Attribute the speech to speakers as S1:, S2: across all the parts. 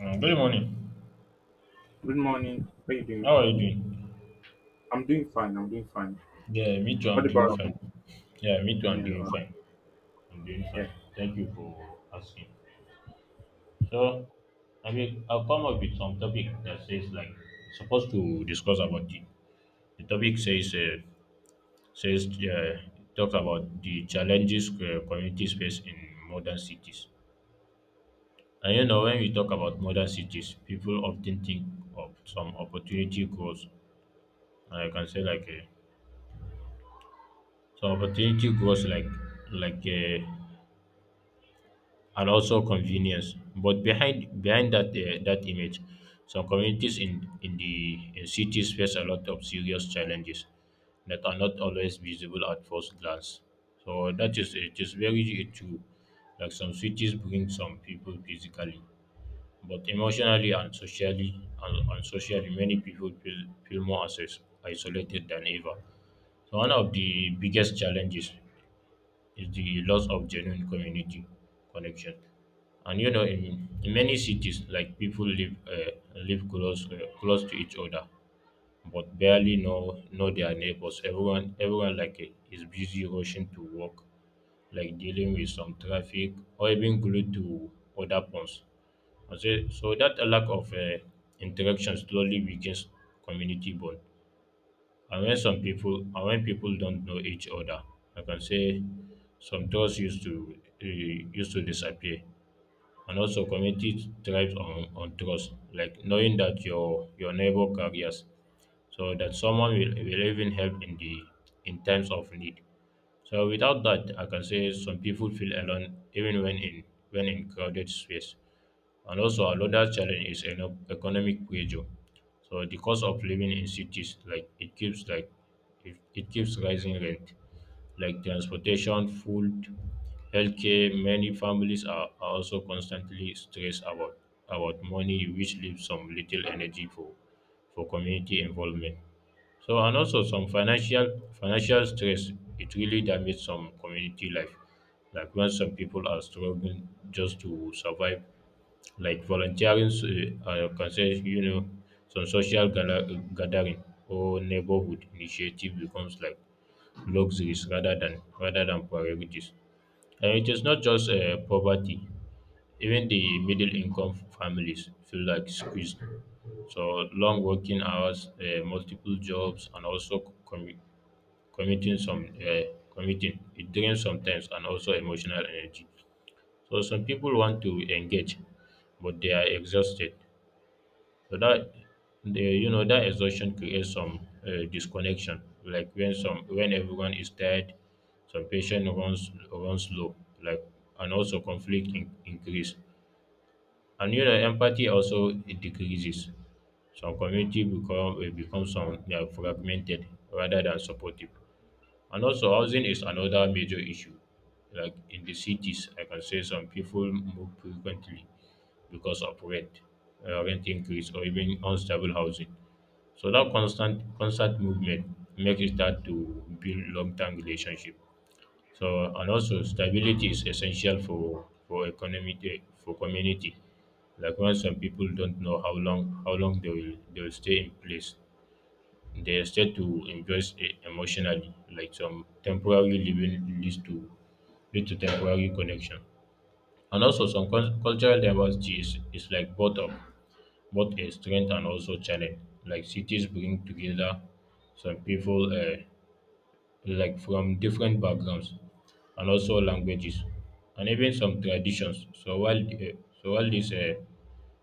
S1: Good morning.
S2: Good morning. How you
S1: How
S2: doing?
S1: are you doing?
S2: I'm doing fine. I'm doing fine.
S1: Yeah, me too.
S2: What
S1: I'm doing
S2: about
S1: fine. Yeah, me too. I'm
S2: yeah,
S1: doing
S2: uh,
S1: fine. I'm doing
S2: yeah,
S1: fine. Thank you for asking. So, I mean, I'll come up with some topic that says like supposed to discuss about the topic says says talks about the challenges communities face in modern cities. And when we talk about modern cities, people often think of some opportunity goals. I can say like some opportunity goals like uh, and also convenience. But behind that image, some communities in cities face a lot of serious challenges that are not always visible at first glance. So that is it is very true. Like some cities bring some people physically, but emotionally and socially and socially many people feel more isolated than ever. So one of the biggest challenges is the loss of genuine community connection. And in many cities, like people live close to each other, but barely know their neighbors. Everyone like is busy rushing to work, like dealing with some traffic or even glued to other phones. And so that a lack of interaction slowly weakens community bond and when people don't know each other I can say some doors used to disappear and also community thrives on trust, like knowing that your neighbor carries, so that someone will even help in times of need. So without that, I can say some people feel alone even when in crowded space. And also another challenge is economic pressure. So the cost of living in cities, like it keeps rising rent like transportation, food, healthcare. Many families are also constantly stressed about money, which leaves some little energy for community involvement. So and also some financial stress. It really damages some community life. Like when some people are struggling just to survive, like volunteering, concern, some social gathering or neighborhood initiative becomes like luxuries rather than priorities. And it is not just poverty. Even the middle income families feel like squeezed. So long working hours, multiple jobs, and also commuting some uh, commuting it drains sometimes and also emotional energy. So some people want to engage, but they are exhausted. So that the you know that exhaustion creates some disconnection, like when everyone is tired, some patient runs low, like and also conflict increase, and empathy also it decreases. Some community become some they are fragmented rather than supportive. And also, housing is another major issue. Like in the cities, I can say some people move frequently because of rent increase, or even unstable housing. So that constant movement makes it hard to build long-term relationship. So and also stability is essential for community. Like when some people don't know how long they will stay in place. They start to invest emotionally, like some temporary living leads to temporary connection. And also some cultural diversity is like both a strength and also challenge. Like cities bring together some people like from different backgrounds and also languages and even some traditions. So while the, eh, so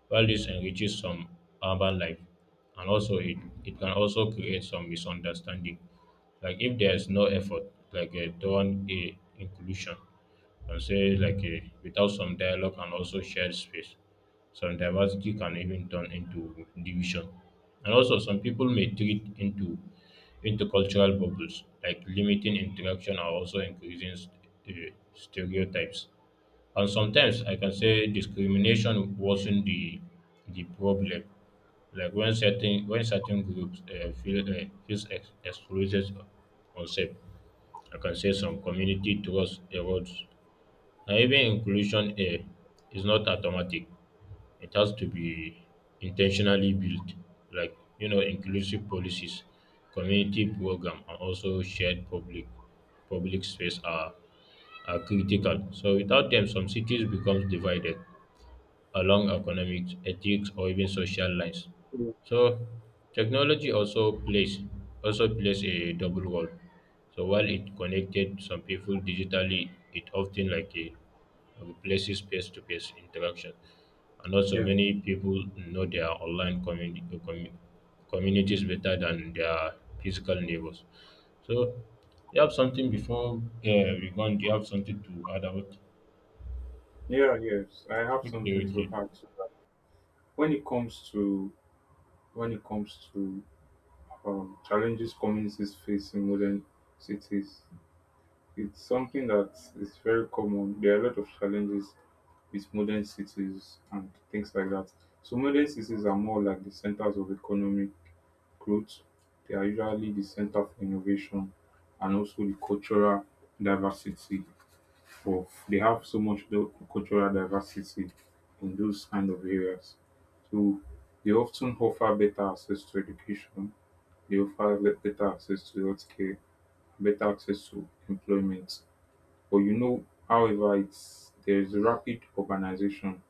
S1: while this enriches some urban life and also it can also create some misunderstanding like if there is no effort like toward a inclusion I would say like a, without some dialogue and also shared space, some diversity can even turn into division. And also some people may treat into cultural bubbles, like limiting interaction or also increasing stereotypes. And sometimes I can say discrimination wasn't the problem. Like when certain groups feels excluded or unsafe, I can say some community trust erodes and even inclusion here is not automatic. It has to be intentionally built, like inclusive policies, community program, and also shared public space are
S2: Mm.
S1: critical. So without them, some cities becomes divided along economics, ethics, or even social lines. So technology also plays a double role. So while it connected some people digitally, it often like a replaces face-to-face interaction, and also
S2: yeah,
S1: many people know their online communities better than their physical neighbors. So you have something before we go on? Do you have something to add about?
S2: yeah? Yes, I have
S1: Okay,
S2: something to
S1: okay.
S2: add to that. When it comes to when it comes to challenges communities face in modern cities, it's something that is very common. There are a lot of challenges with modern cities and things like that. So modern cities are more like the centers of economic growth. They are usually the center of innovation and also the cultural diversity of they have so much the cultural diversity in those kind of areas. So they often offer better access to education, they offer better access to healthcare, better access to employment. But you know, however, it's there is rapid urbanization.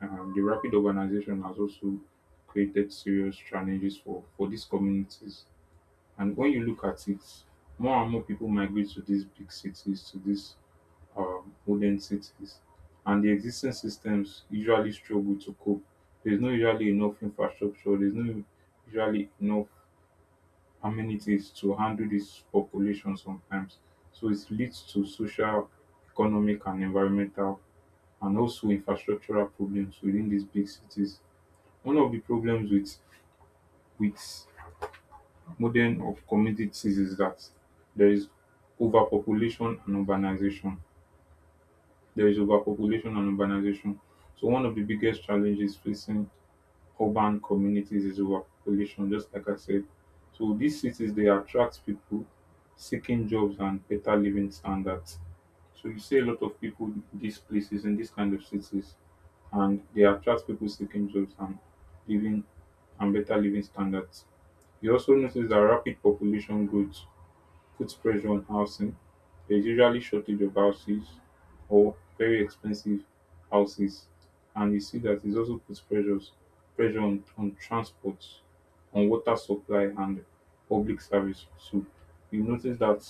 S2: The rapid urbanization has also created serious challenges for these communities. And when you look at it, more and more people migrate to these big cities, to these modern cities, and the existing systems usually struggle to cope. There's no usually enough infrastructure, there's no usually enough amenities to handle this population sometimes. So it leads to social, economic, and environmental, and also infrastructural problems within these big cities. One of the problems with modern of communities is that there is overpopulation and urbanization. There is overpopulation and urbanization. So one of the biggest challenges facing urban communities is overpopulation, just like I said. So these cities they attract people seeking jobs and better living standards. So you see a lot of people in these places in these kind of cities and they attract people seeking jobs and living and better living standards. You also notice that rapid population growth puts pressure on housing. There's usually shortage of houses or very expensive houses, and you see that it also puts pressures pressure on transport, on water supply and public service. So you notice that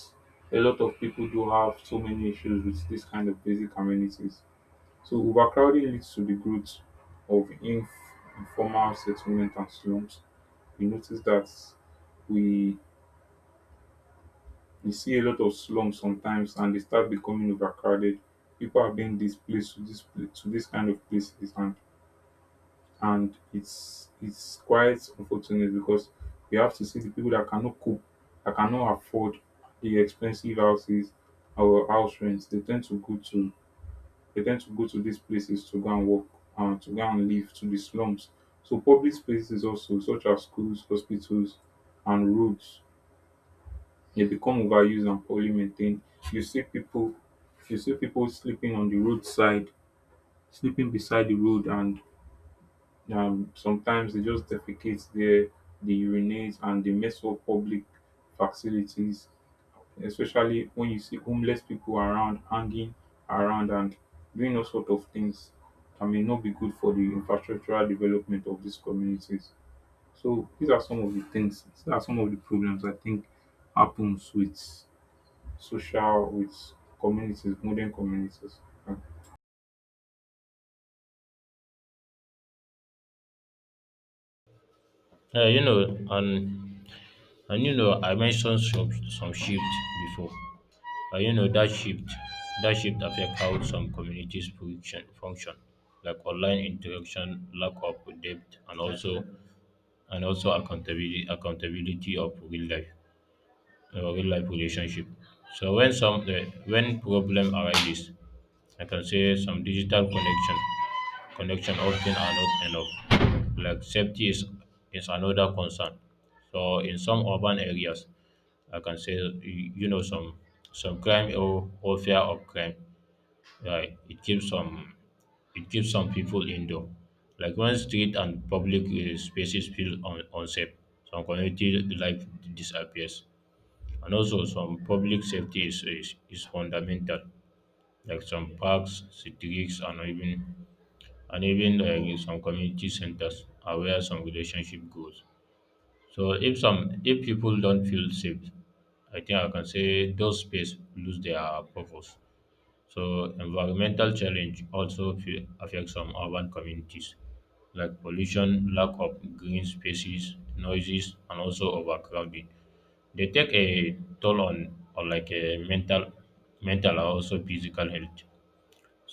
S2: a lot of people do have so many issues with this kind of basic amenities. So overcrowding leads to the growth of informal settlement and slums. You notice that we you see a lot of slums sometimes and they start becoming overcrowded. People are being displaced to to this kind of places, and it's quite unfortunate because we have to see the people that cannot cope, that cannot afford the expensive houses or house rents. They tend to go to these places to go and work and to go and live to the slums. So public spaces also such as schools, hospitals and roads they become overused and poorly maintained. You see people you see people sleeping on the roadside, sleeping beside the road, and sometimes they just defecate there, they urinate and they mess up public facilities, especially when you see homeless people around hanging around and doing all sort of things that may not be good for the infrastructural development of these communities. So these are some of the things, these are some of the problems I think happens with social with communities, modern communities. Uh,
S1: Uh, you know, and I mentioned some shift before. And that shift affect how some communities function, like online interaction, lack of depth, and also accountability of real life relationship. So when problem arises, I can say some digital connection often are not enough. Like safety is another concern. So in some urban areas, I can say some crime or fear of crime. Right? It keeps some people indoor. Like when street and public spaces feel unsafe, some community life disappears. And also some public safety is fundamental. Like some parks, streets, and even like some community centers are where some relationship goes. So if people don't feel safe, I think I can say those space lose their purpose. So environmental challenge also affect some urban communities, like pollution, lack of green spaces, noises, and also overcrowding. They take a toll on or like a mental and also physical health.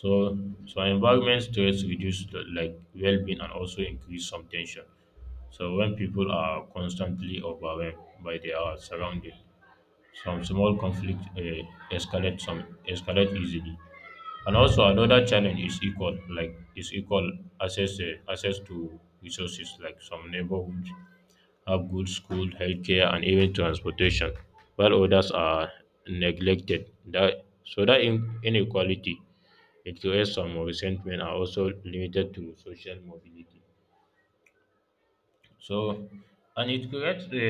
S1: So environment stress reduce like well-being and also increase some tension. So when people are constantly overwhelmed by their surroundings, some small conflict escalate easily. And also another challenge is equal access to resources like some neighborhoods have good school, healthcare, and even transportation, while others are neglected. That so that inequality it creates some resentment are also limited to social mobility. So, and it creates a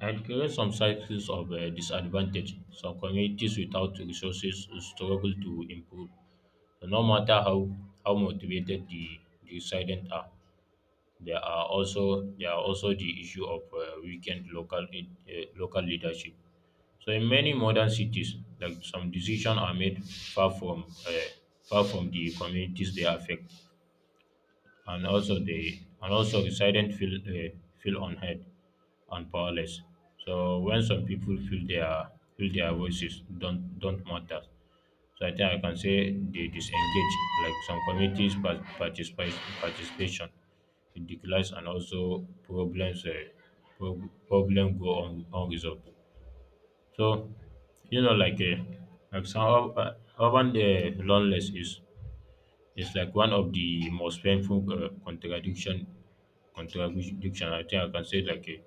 S1: and creates some cycles of disadvantage. Some communities without resources struggle to improve. So no matter how motivated the residents are, there are also the issue of weakened local leadership. So in many modern cities, like some decisions are made far from the communities they affect, and also residents feel unheard and powerless. So when some people feel their voices don't matter, so I think I can say they disengage. Like some communities, par- participate participation it declines and also problem go on unresolved. So you know, like uh, some urban loneliness is like one of the most painful contradiction contemporary dictionary, I think I can say like a,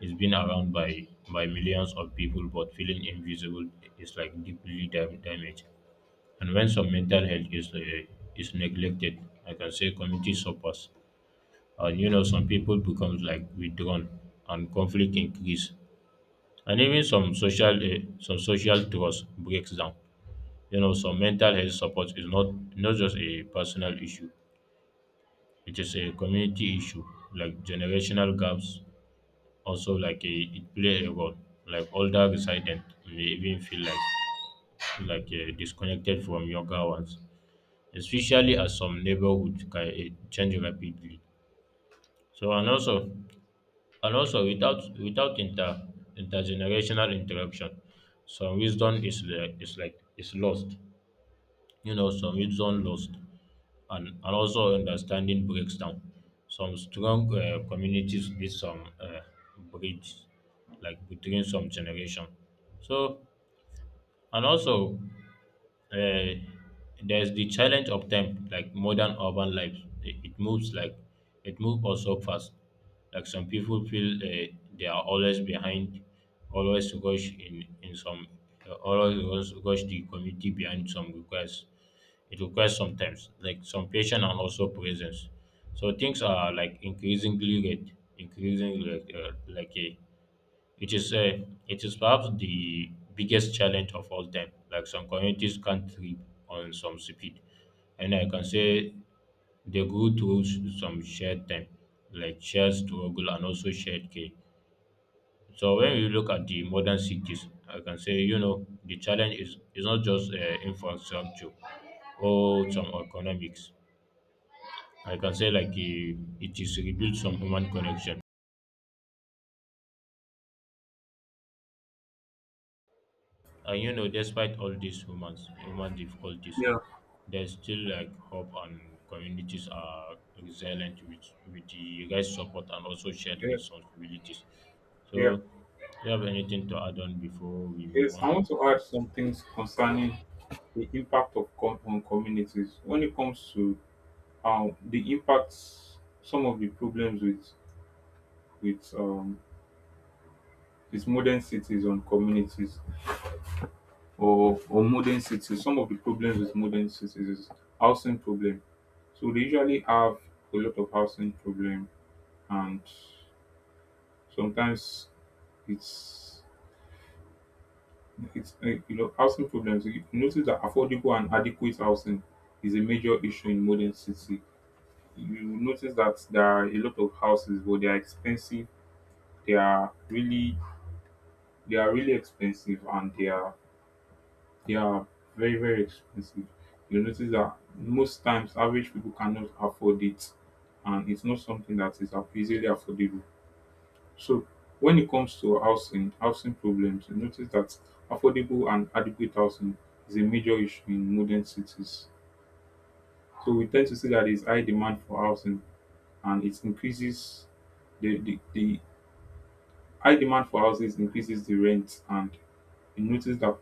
S1: it's been around by millions of people, but feeling invisible is like deeply damaged. And when some mental health is neglected, I can say community suffers. And some people become like withdrawn, and conflict increase, and even some social trust breaks down. Some mental health support is not just a personal issue; it is a community issue, like generational gaps also like a, it play a role like older residents may even feel like disconnected from younger ones especially as some neighborhoods can change rapidly so and also without intergenerational interaction some wisdom is lost some wisdom lost and also understanding breaks down. Some strong communities need some bridge, like between some generation. So, and also uh, there's the challenge of time like modern urban life it moves like it moves also fast like some people feel they are always behind always rush in some always rush the community behind some requests it requires sometimes like some patience and also presence so things are like increasingly like a it is uh, it is perhaps the biggest challenge of all time. Like some communities can't thrive on some speed, and I can say they grew through some shared time, like shared struggle and also shared care. So when you look at the modern cities, I can say the challenge is not just infrastructure or some economics. I can say like it is rebuild some human connection. And despite all these human difficulties,
S2: Yeah.
S1: there's still like hope and communities are resilient with the guys' support and also shared
S2: Yes,
S1: responsibilities. So,
S2: yeah,
S1: do you have anything to add on before we move
S2: yes.
S1: on?
S2: I want to add some things concerning the impact of on communities when it comes to the impacts, some of the problems with um, with modern cities on communities, or modern cities. Some of the problems with modern cities is housing problem. So they usually have a lot of housing problem, and sometimes it's it's you know, housing problems, you notice that affordable and adequate housing is a major issue in modern city. You notice that there are a lot of houses but they are expensive. they are really they are really expensive and they are very, very expensive. You notice that most times average people cannot afford it, and it's not something that is easily affordable. So when it comes to housing, housing problems, you notice that affordable and adequate housing is a major issue in modern cities. So we tend to see that there's high demand for housing and it increases the high demand for houses increases the rent, and you notice that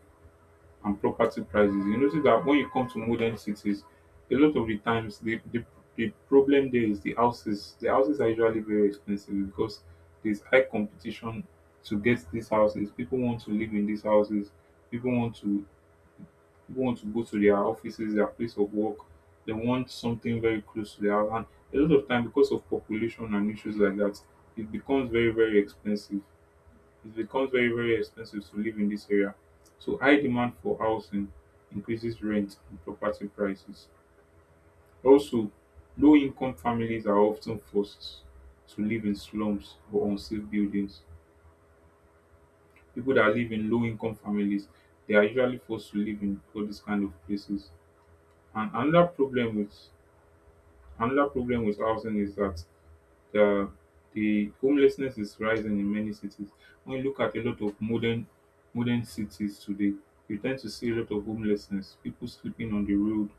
S2: and property prices. You notice that when you come to modern cities, a lot of the times the problem there is the houses. The houses are usually very expensive because there's high competition to get these houses. People want to live in these houses. People want to People want to go to their offices, their place of work. They want something very close to their house. And a lot of time, because of population and issues like that, it becomes very, very expensive it becomes very, very expensive to live in this area. So high demand for housing increases rent and property prices. Also, low income families are often forced to live in slums or unsafe buildings. People that live in low income families, they are usually forced to live in all these kind of places. And another problem with housing is that the the homelessness is rising in many cities. When you look at a lot of modern cities today, you tend to see a lot of homelessness, people sleeping on the road,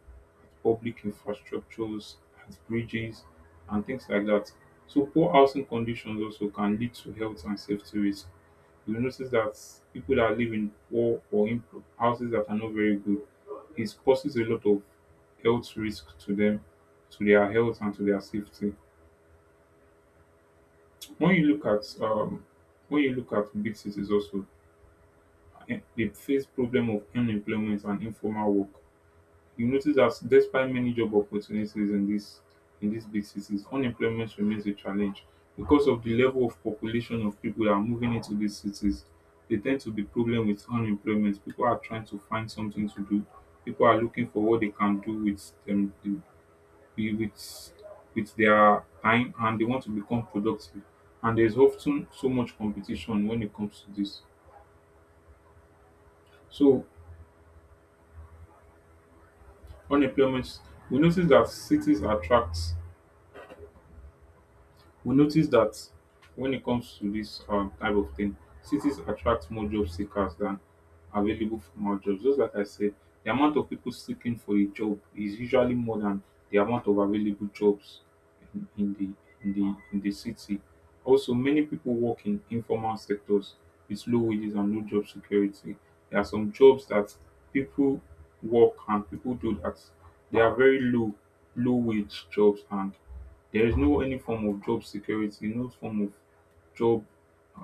S2: public infrastructures, at bridges, and things like that. So poor housing conditions also can lead to health and safety risks. You notice that people that live in poor or in houses that are not very good, it causes a lot of health risk to them, to their health and to their safety. when you look at um, when you look at big cities also, eh, they face problem of unemployment and informal work. You notice that despite many job opportunities in this, in these big cities, unemployment remains a challenge because of the level of population of people that are moving into these cities. They tend to be problem with unemployment. People are trying to find something to do. People are looking for what they can do with them, wi- with with their time, and they want to become productive, and there's often so much competition when it comes to this. So unemployment, we notice that cities attract we notice that when it comes to this type of thing, cities attract more job seekers than available formal jobs. Just like I said, the amount of people seeking for a job is usually more than the amount of available jobs in, in the in the city. Also, many people work in informal sectors with low wages and no job security. There are some jobs that people work and people do that, they are very low wage jobs, and there is no any form of job security, no form of job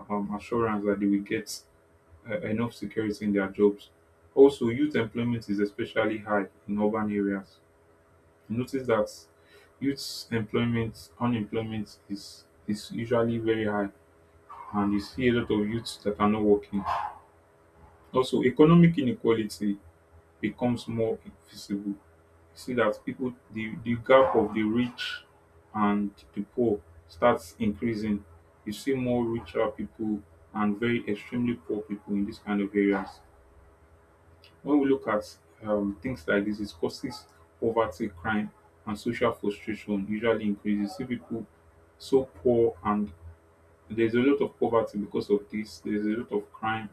S2: assurance that they will get enough security in their jobs. Also, youth employment is especially high in urban areas. Notice that youth employment, unemployment is usually very high, and you see a lot of youths that are not working. Also, economic inequality becomes more visible. See that people the gap of the rich and the poor starts increasing. You see more richer people and very extremely poor people in these kind of areas. When we look at things like this, it causes poverty, crime, and social frustration. Usually increases. You see people so poor, and there's a lot of poverty because of this. There's a lot of crime,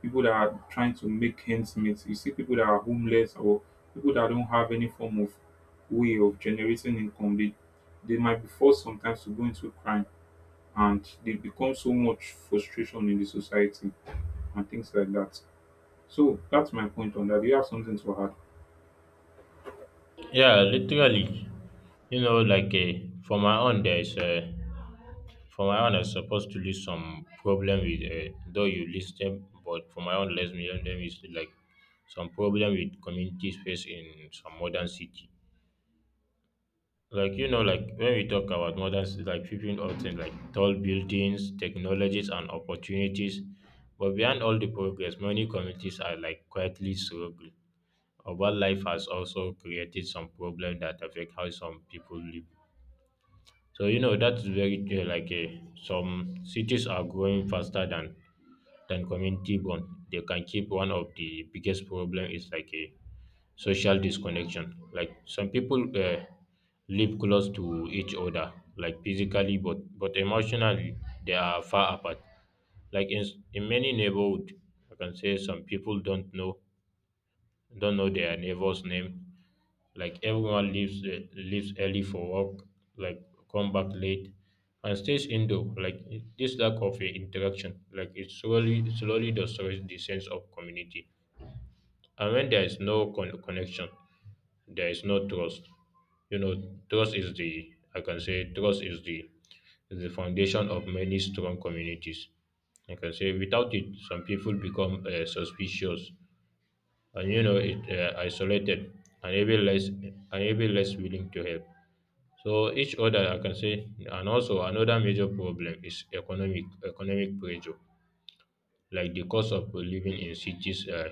S2: people that are trying to make ends meet. You see people that are homeless, or people that don't have any form of way of generating income. They might be forced sometimes to go into crime, and they become so much frustration in the society and things like that. So that's my point on that. Do you have something to add?
S1: Yeah, literally. You know, for my own, there's for my own, I supposed to list some problem with though you list them, but for my own, let me let them is like some problem with community space in some modern city. Like you know, like when we talk about modern, like people often like tall buildings, technologies, and opportunities, but behind all the progress, many communities are like quietly struggle. Wildlife has also created some problem that affect how some people live. So you know that's very some cities are growing faster than community bond. They can keep one of the biggest problem is like a social disconnection. Like some people live close to each other, like physically, but emotionally they are far apart. Like in many neighborhood, I can say some people don't know their neighbor's name. Like everyone leaves early for work, like come back late, and stays indoor. This lack of interaction, like it slowly destroys the sense of community. And when there is no connection, there is no trust. You know, trust is the I can say trust is the foundation of many strong communities. I can say without it, some people become suspicious and you know it isolated and even less willing to help. So each other I can say, and also another major problem is economic pressure, like the cost of living in cities,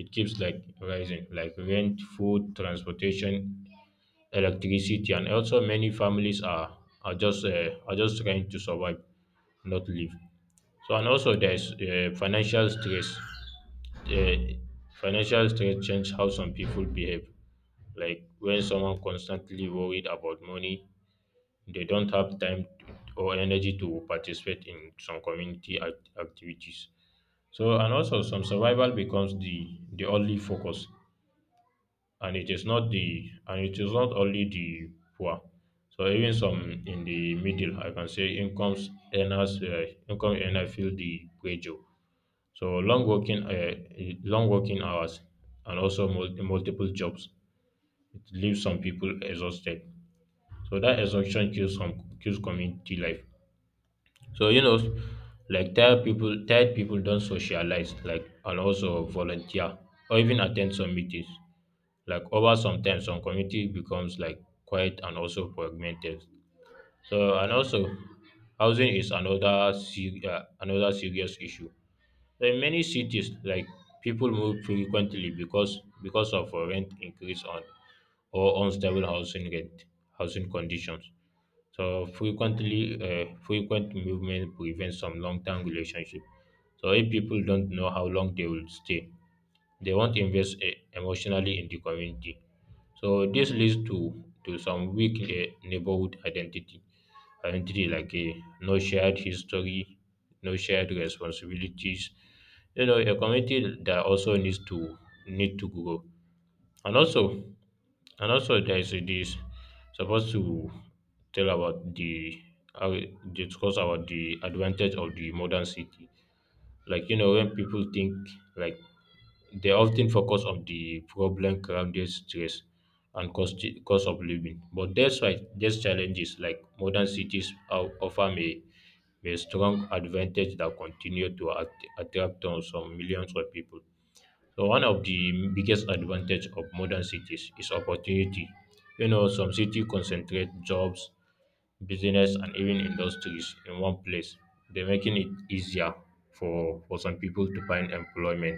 S1: it keeps like rising, like rent, food, transportation, electricity, and also many families are just are just trying to survive, not live. So and also there's financial stress. Uh, Financial stress change how some people behave. Like when someone constantly worried about money, they don't have time to, or energy to participate in some community activities. So and also some survival becomes the only focus, and it is not only the poor. So even some in the middle, I can say incomes earners, income earner feel the pressure. So long working hours, and also multiple jobs, it leaves some people exhausted. So that exhaustion kills community life. So you know, like tired people don't socialize, like and also volunteer or even attend some meetings. Like over sometimes, some community becomes like quiet and also fragmented. So and also, housing is another serious issue. In many cities, like people move frequently because of rent increase on or unstable housing conditions. So frequent movement prevents some long-term relationship. So if people don't know how long they will stay, they won't invest emotionally in the community. So this leads to some weak neighborhood identity. And three, like a no shared history, no shared responsibilities. You know, a community that also need to grow. And also, and also there is this supposed to tell about the how discuss about the advantage of the modern city, like you know when people think, like they often focus on the problem grounded stress and cost of living. But that's why these challenges like modern cities are, offer a strong advantage that continue to attract on some millions of people. So one of the biggest advantage of modern cities is opportunity. You know, some cities concentrate jobs, business, and even industries in one place. They're making it easier for some people to find employment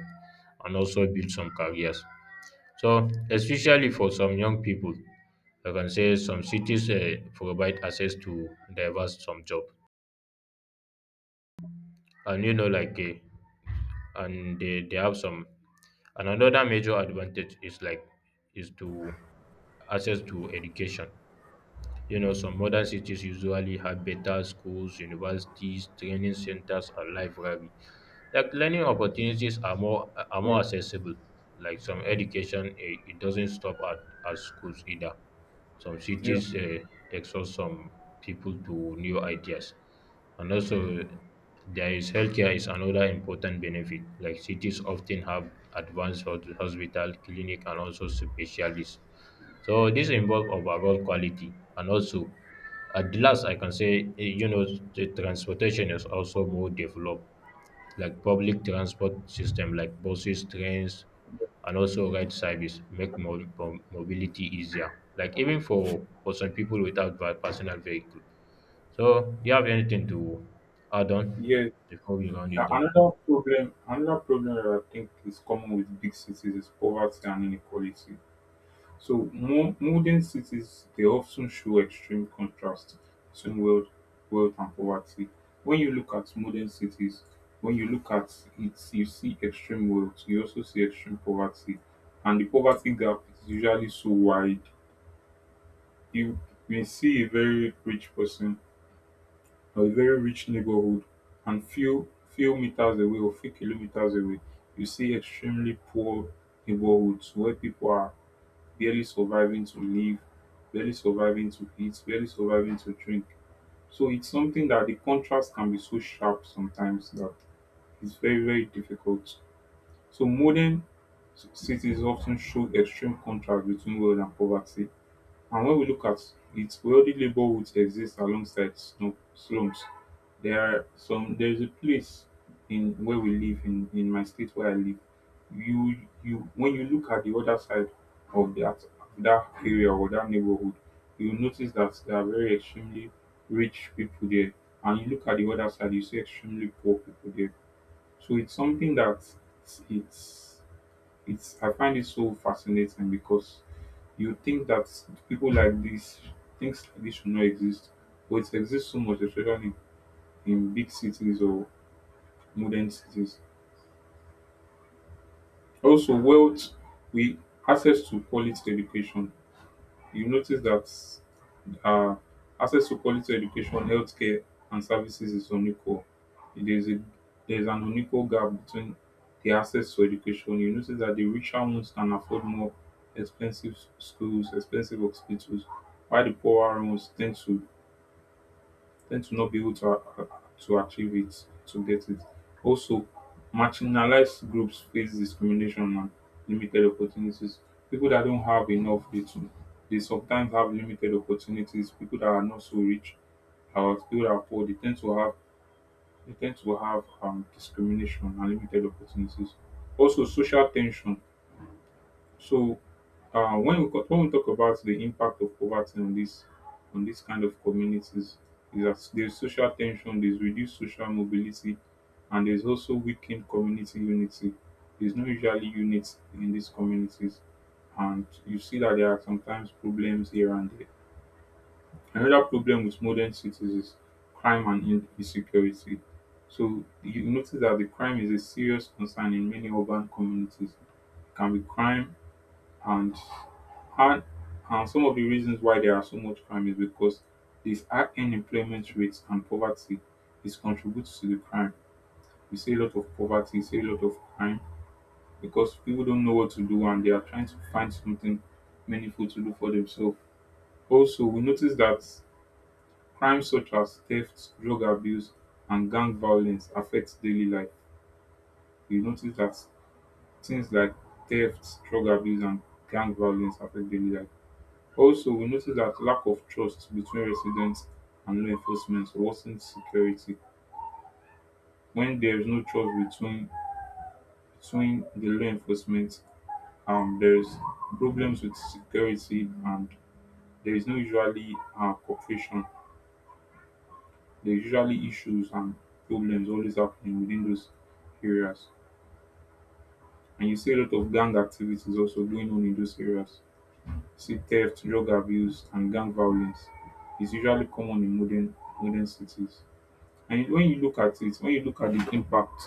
S1: and also build some careers. So especially for some young people, I can say some cities provide access to diverse some job, and and they have some, and another major advantage is like is to access to education. You know some modern cities usually have better schools, universities, training centers, and library. Like learning opportunities are
S2: Yeah.
S1: more accessible. Like some education, it doesn't stop at schools either. Some cities exhaust some people to new ideas, and also there is healthcare is another important benefit. Like cities often have advanced hospital, clinic, and also specialists. So this involves overall quality. And also, at the last, I can say, you know, the transportation is also more developed, like public transport system, like buses, trains, and also ride service make mobility easier. Like even for some people without personal vehicle. So, do you have anything to add on
S2: Yeah.
S1: before we round it up?
S2: Another problem that I think is common with big cities is poverty and inequality. So modern cities they often show extreme contrast between wealth and poverty. When you look at modern cities, when you look at it, you see extreme wealth, you also see extreme poverty, and the poverty gap is usually so wide. You may see a very rich person or a very rich neighborhood, and few meters away or few kilometers away, you see extremely poor neighborhoods where people are barely surviving to live, barely surviving to eat, barely surviving to drink. So it's something that the contrast can be so sharp sometimes that it's very, very difficult. So modern cities often show extreme contrast between wealth and poverty. And when we look at it, wealthy neighborhoods exist alongside slums. There are some. There is a place in where we live in my state where I live. You, when you look at the other side of that area or that neighborhood, you notice that there are very extremely rich people there, and you look at the other side, you see extremely poor people there. So it's something that it's it's I find it so fascinating because you think that people like this, things like this should not exist, but it exists so much, especially in big cities or modern cities. Also, wealth, we access to quality education. You notice that uh, access to quality education, healthcare, and services is unequal. There's a there's an unequal gap between the access to education. You notice that the richer ones can afford more expensive schools, expensive hospitals, while the poorer ones tend to not be able to to achieve it, to get it. Also, marginalized groups face discrimination and limited opportunities. People that don't have enough, they, too, they sometimes have limited opportunities. People that are not so rich, or people that are poor, they tend to have discrimination and limited opportunities. Also, social tension so, when we talk about the impact of poverty on this kind of communities, is that there's social tension, there's reduced social mobility, and there's also weakened community unity. There's no usually unity in these communities, and you see that there are sometimes problems here and there. Another problem with modern cities is crime and insecurity. So you notice that the crime is a serious concern in many urban communities. It can be crime and and and some of the reasons why there are so much crime is because this high unemployment rates and poverty is contributes to the crime. We see a lot of poverty, we see a lot of crime because people don't know what to do and they are trying to find something meaningful to do for themselves. Also, we notice that crimes such as theft, drug abuse, and gang violence affects daily life. We notice that things like theft, drug abuse, and gang violence affect daily life. Also, we noticed that lack of trust between residents and law enforcement worsens security. When there is no trust between the law enforcement, there is problems with security, and there is no usually cooperation. There is usually issues and problems always happening within those areas, and you see a lot of gang activities also going on in those areas. You see theft, drug abuse, and gang violence is usually common in modern cities. And when you look at it, when you look at the impact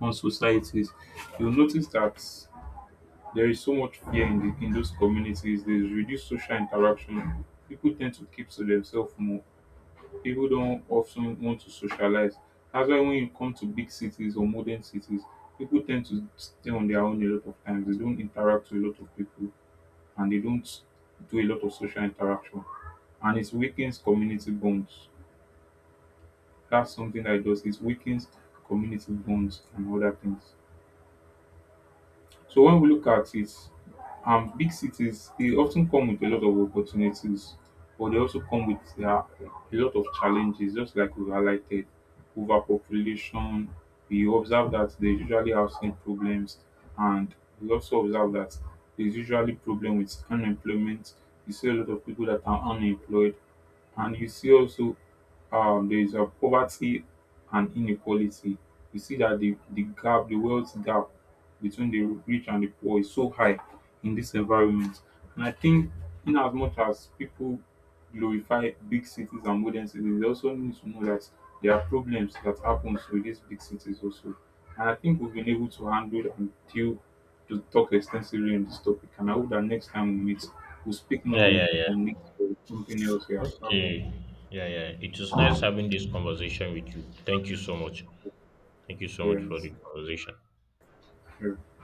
S2: on societies, you'll notice that there is so much fear in, the, in those communities. There's reduced social interaction. People tend to keep to themselves more. People don't often want to socialize. That's why when you come to big cities or modern cities, people tend to stay on their own a lot of times. They don't interact with a lot of people and they don't do a lot of social interaction. And it weakens community bonds. That's something that it does. It weakens community bonds and other things. So when we look at it, big cities they often come with a lot of opportunities, but they also come with a lot of challenges. Just like we highlighted, overpopulation. We observe that there's usually housing problems, and we also observe that there's usually problem with unemployment. You see a lot of people that are unemployed and you see also there is a poverty and inequality. You see that the gap, the wealth gap between the rich and the poor is so high in this environment. And I think, in as much as people glorify big cities and modern cities, they also need to know that there are problems that happens with these big cities also. And I think we've been able to handle and deal to talk extensively on this topic, and I hope that next time we meet, we'll speak more
S1: Yeah, yeah,
S2: on
S1: yeah.
S2: it or something else. Yeah.
S1: Okay. Yeah, yeah. It was nice having this conversation with you. Thank you so much. Thank you so much for
S2: Yes,
S1: the conversation.
S2: yeah.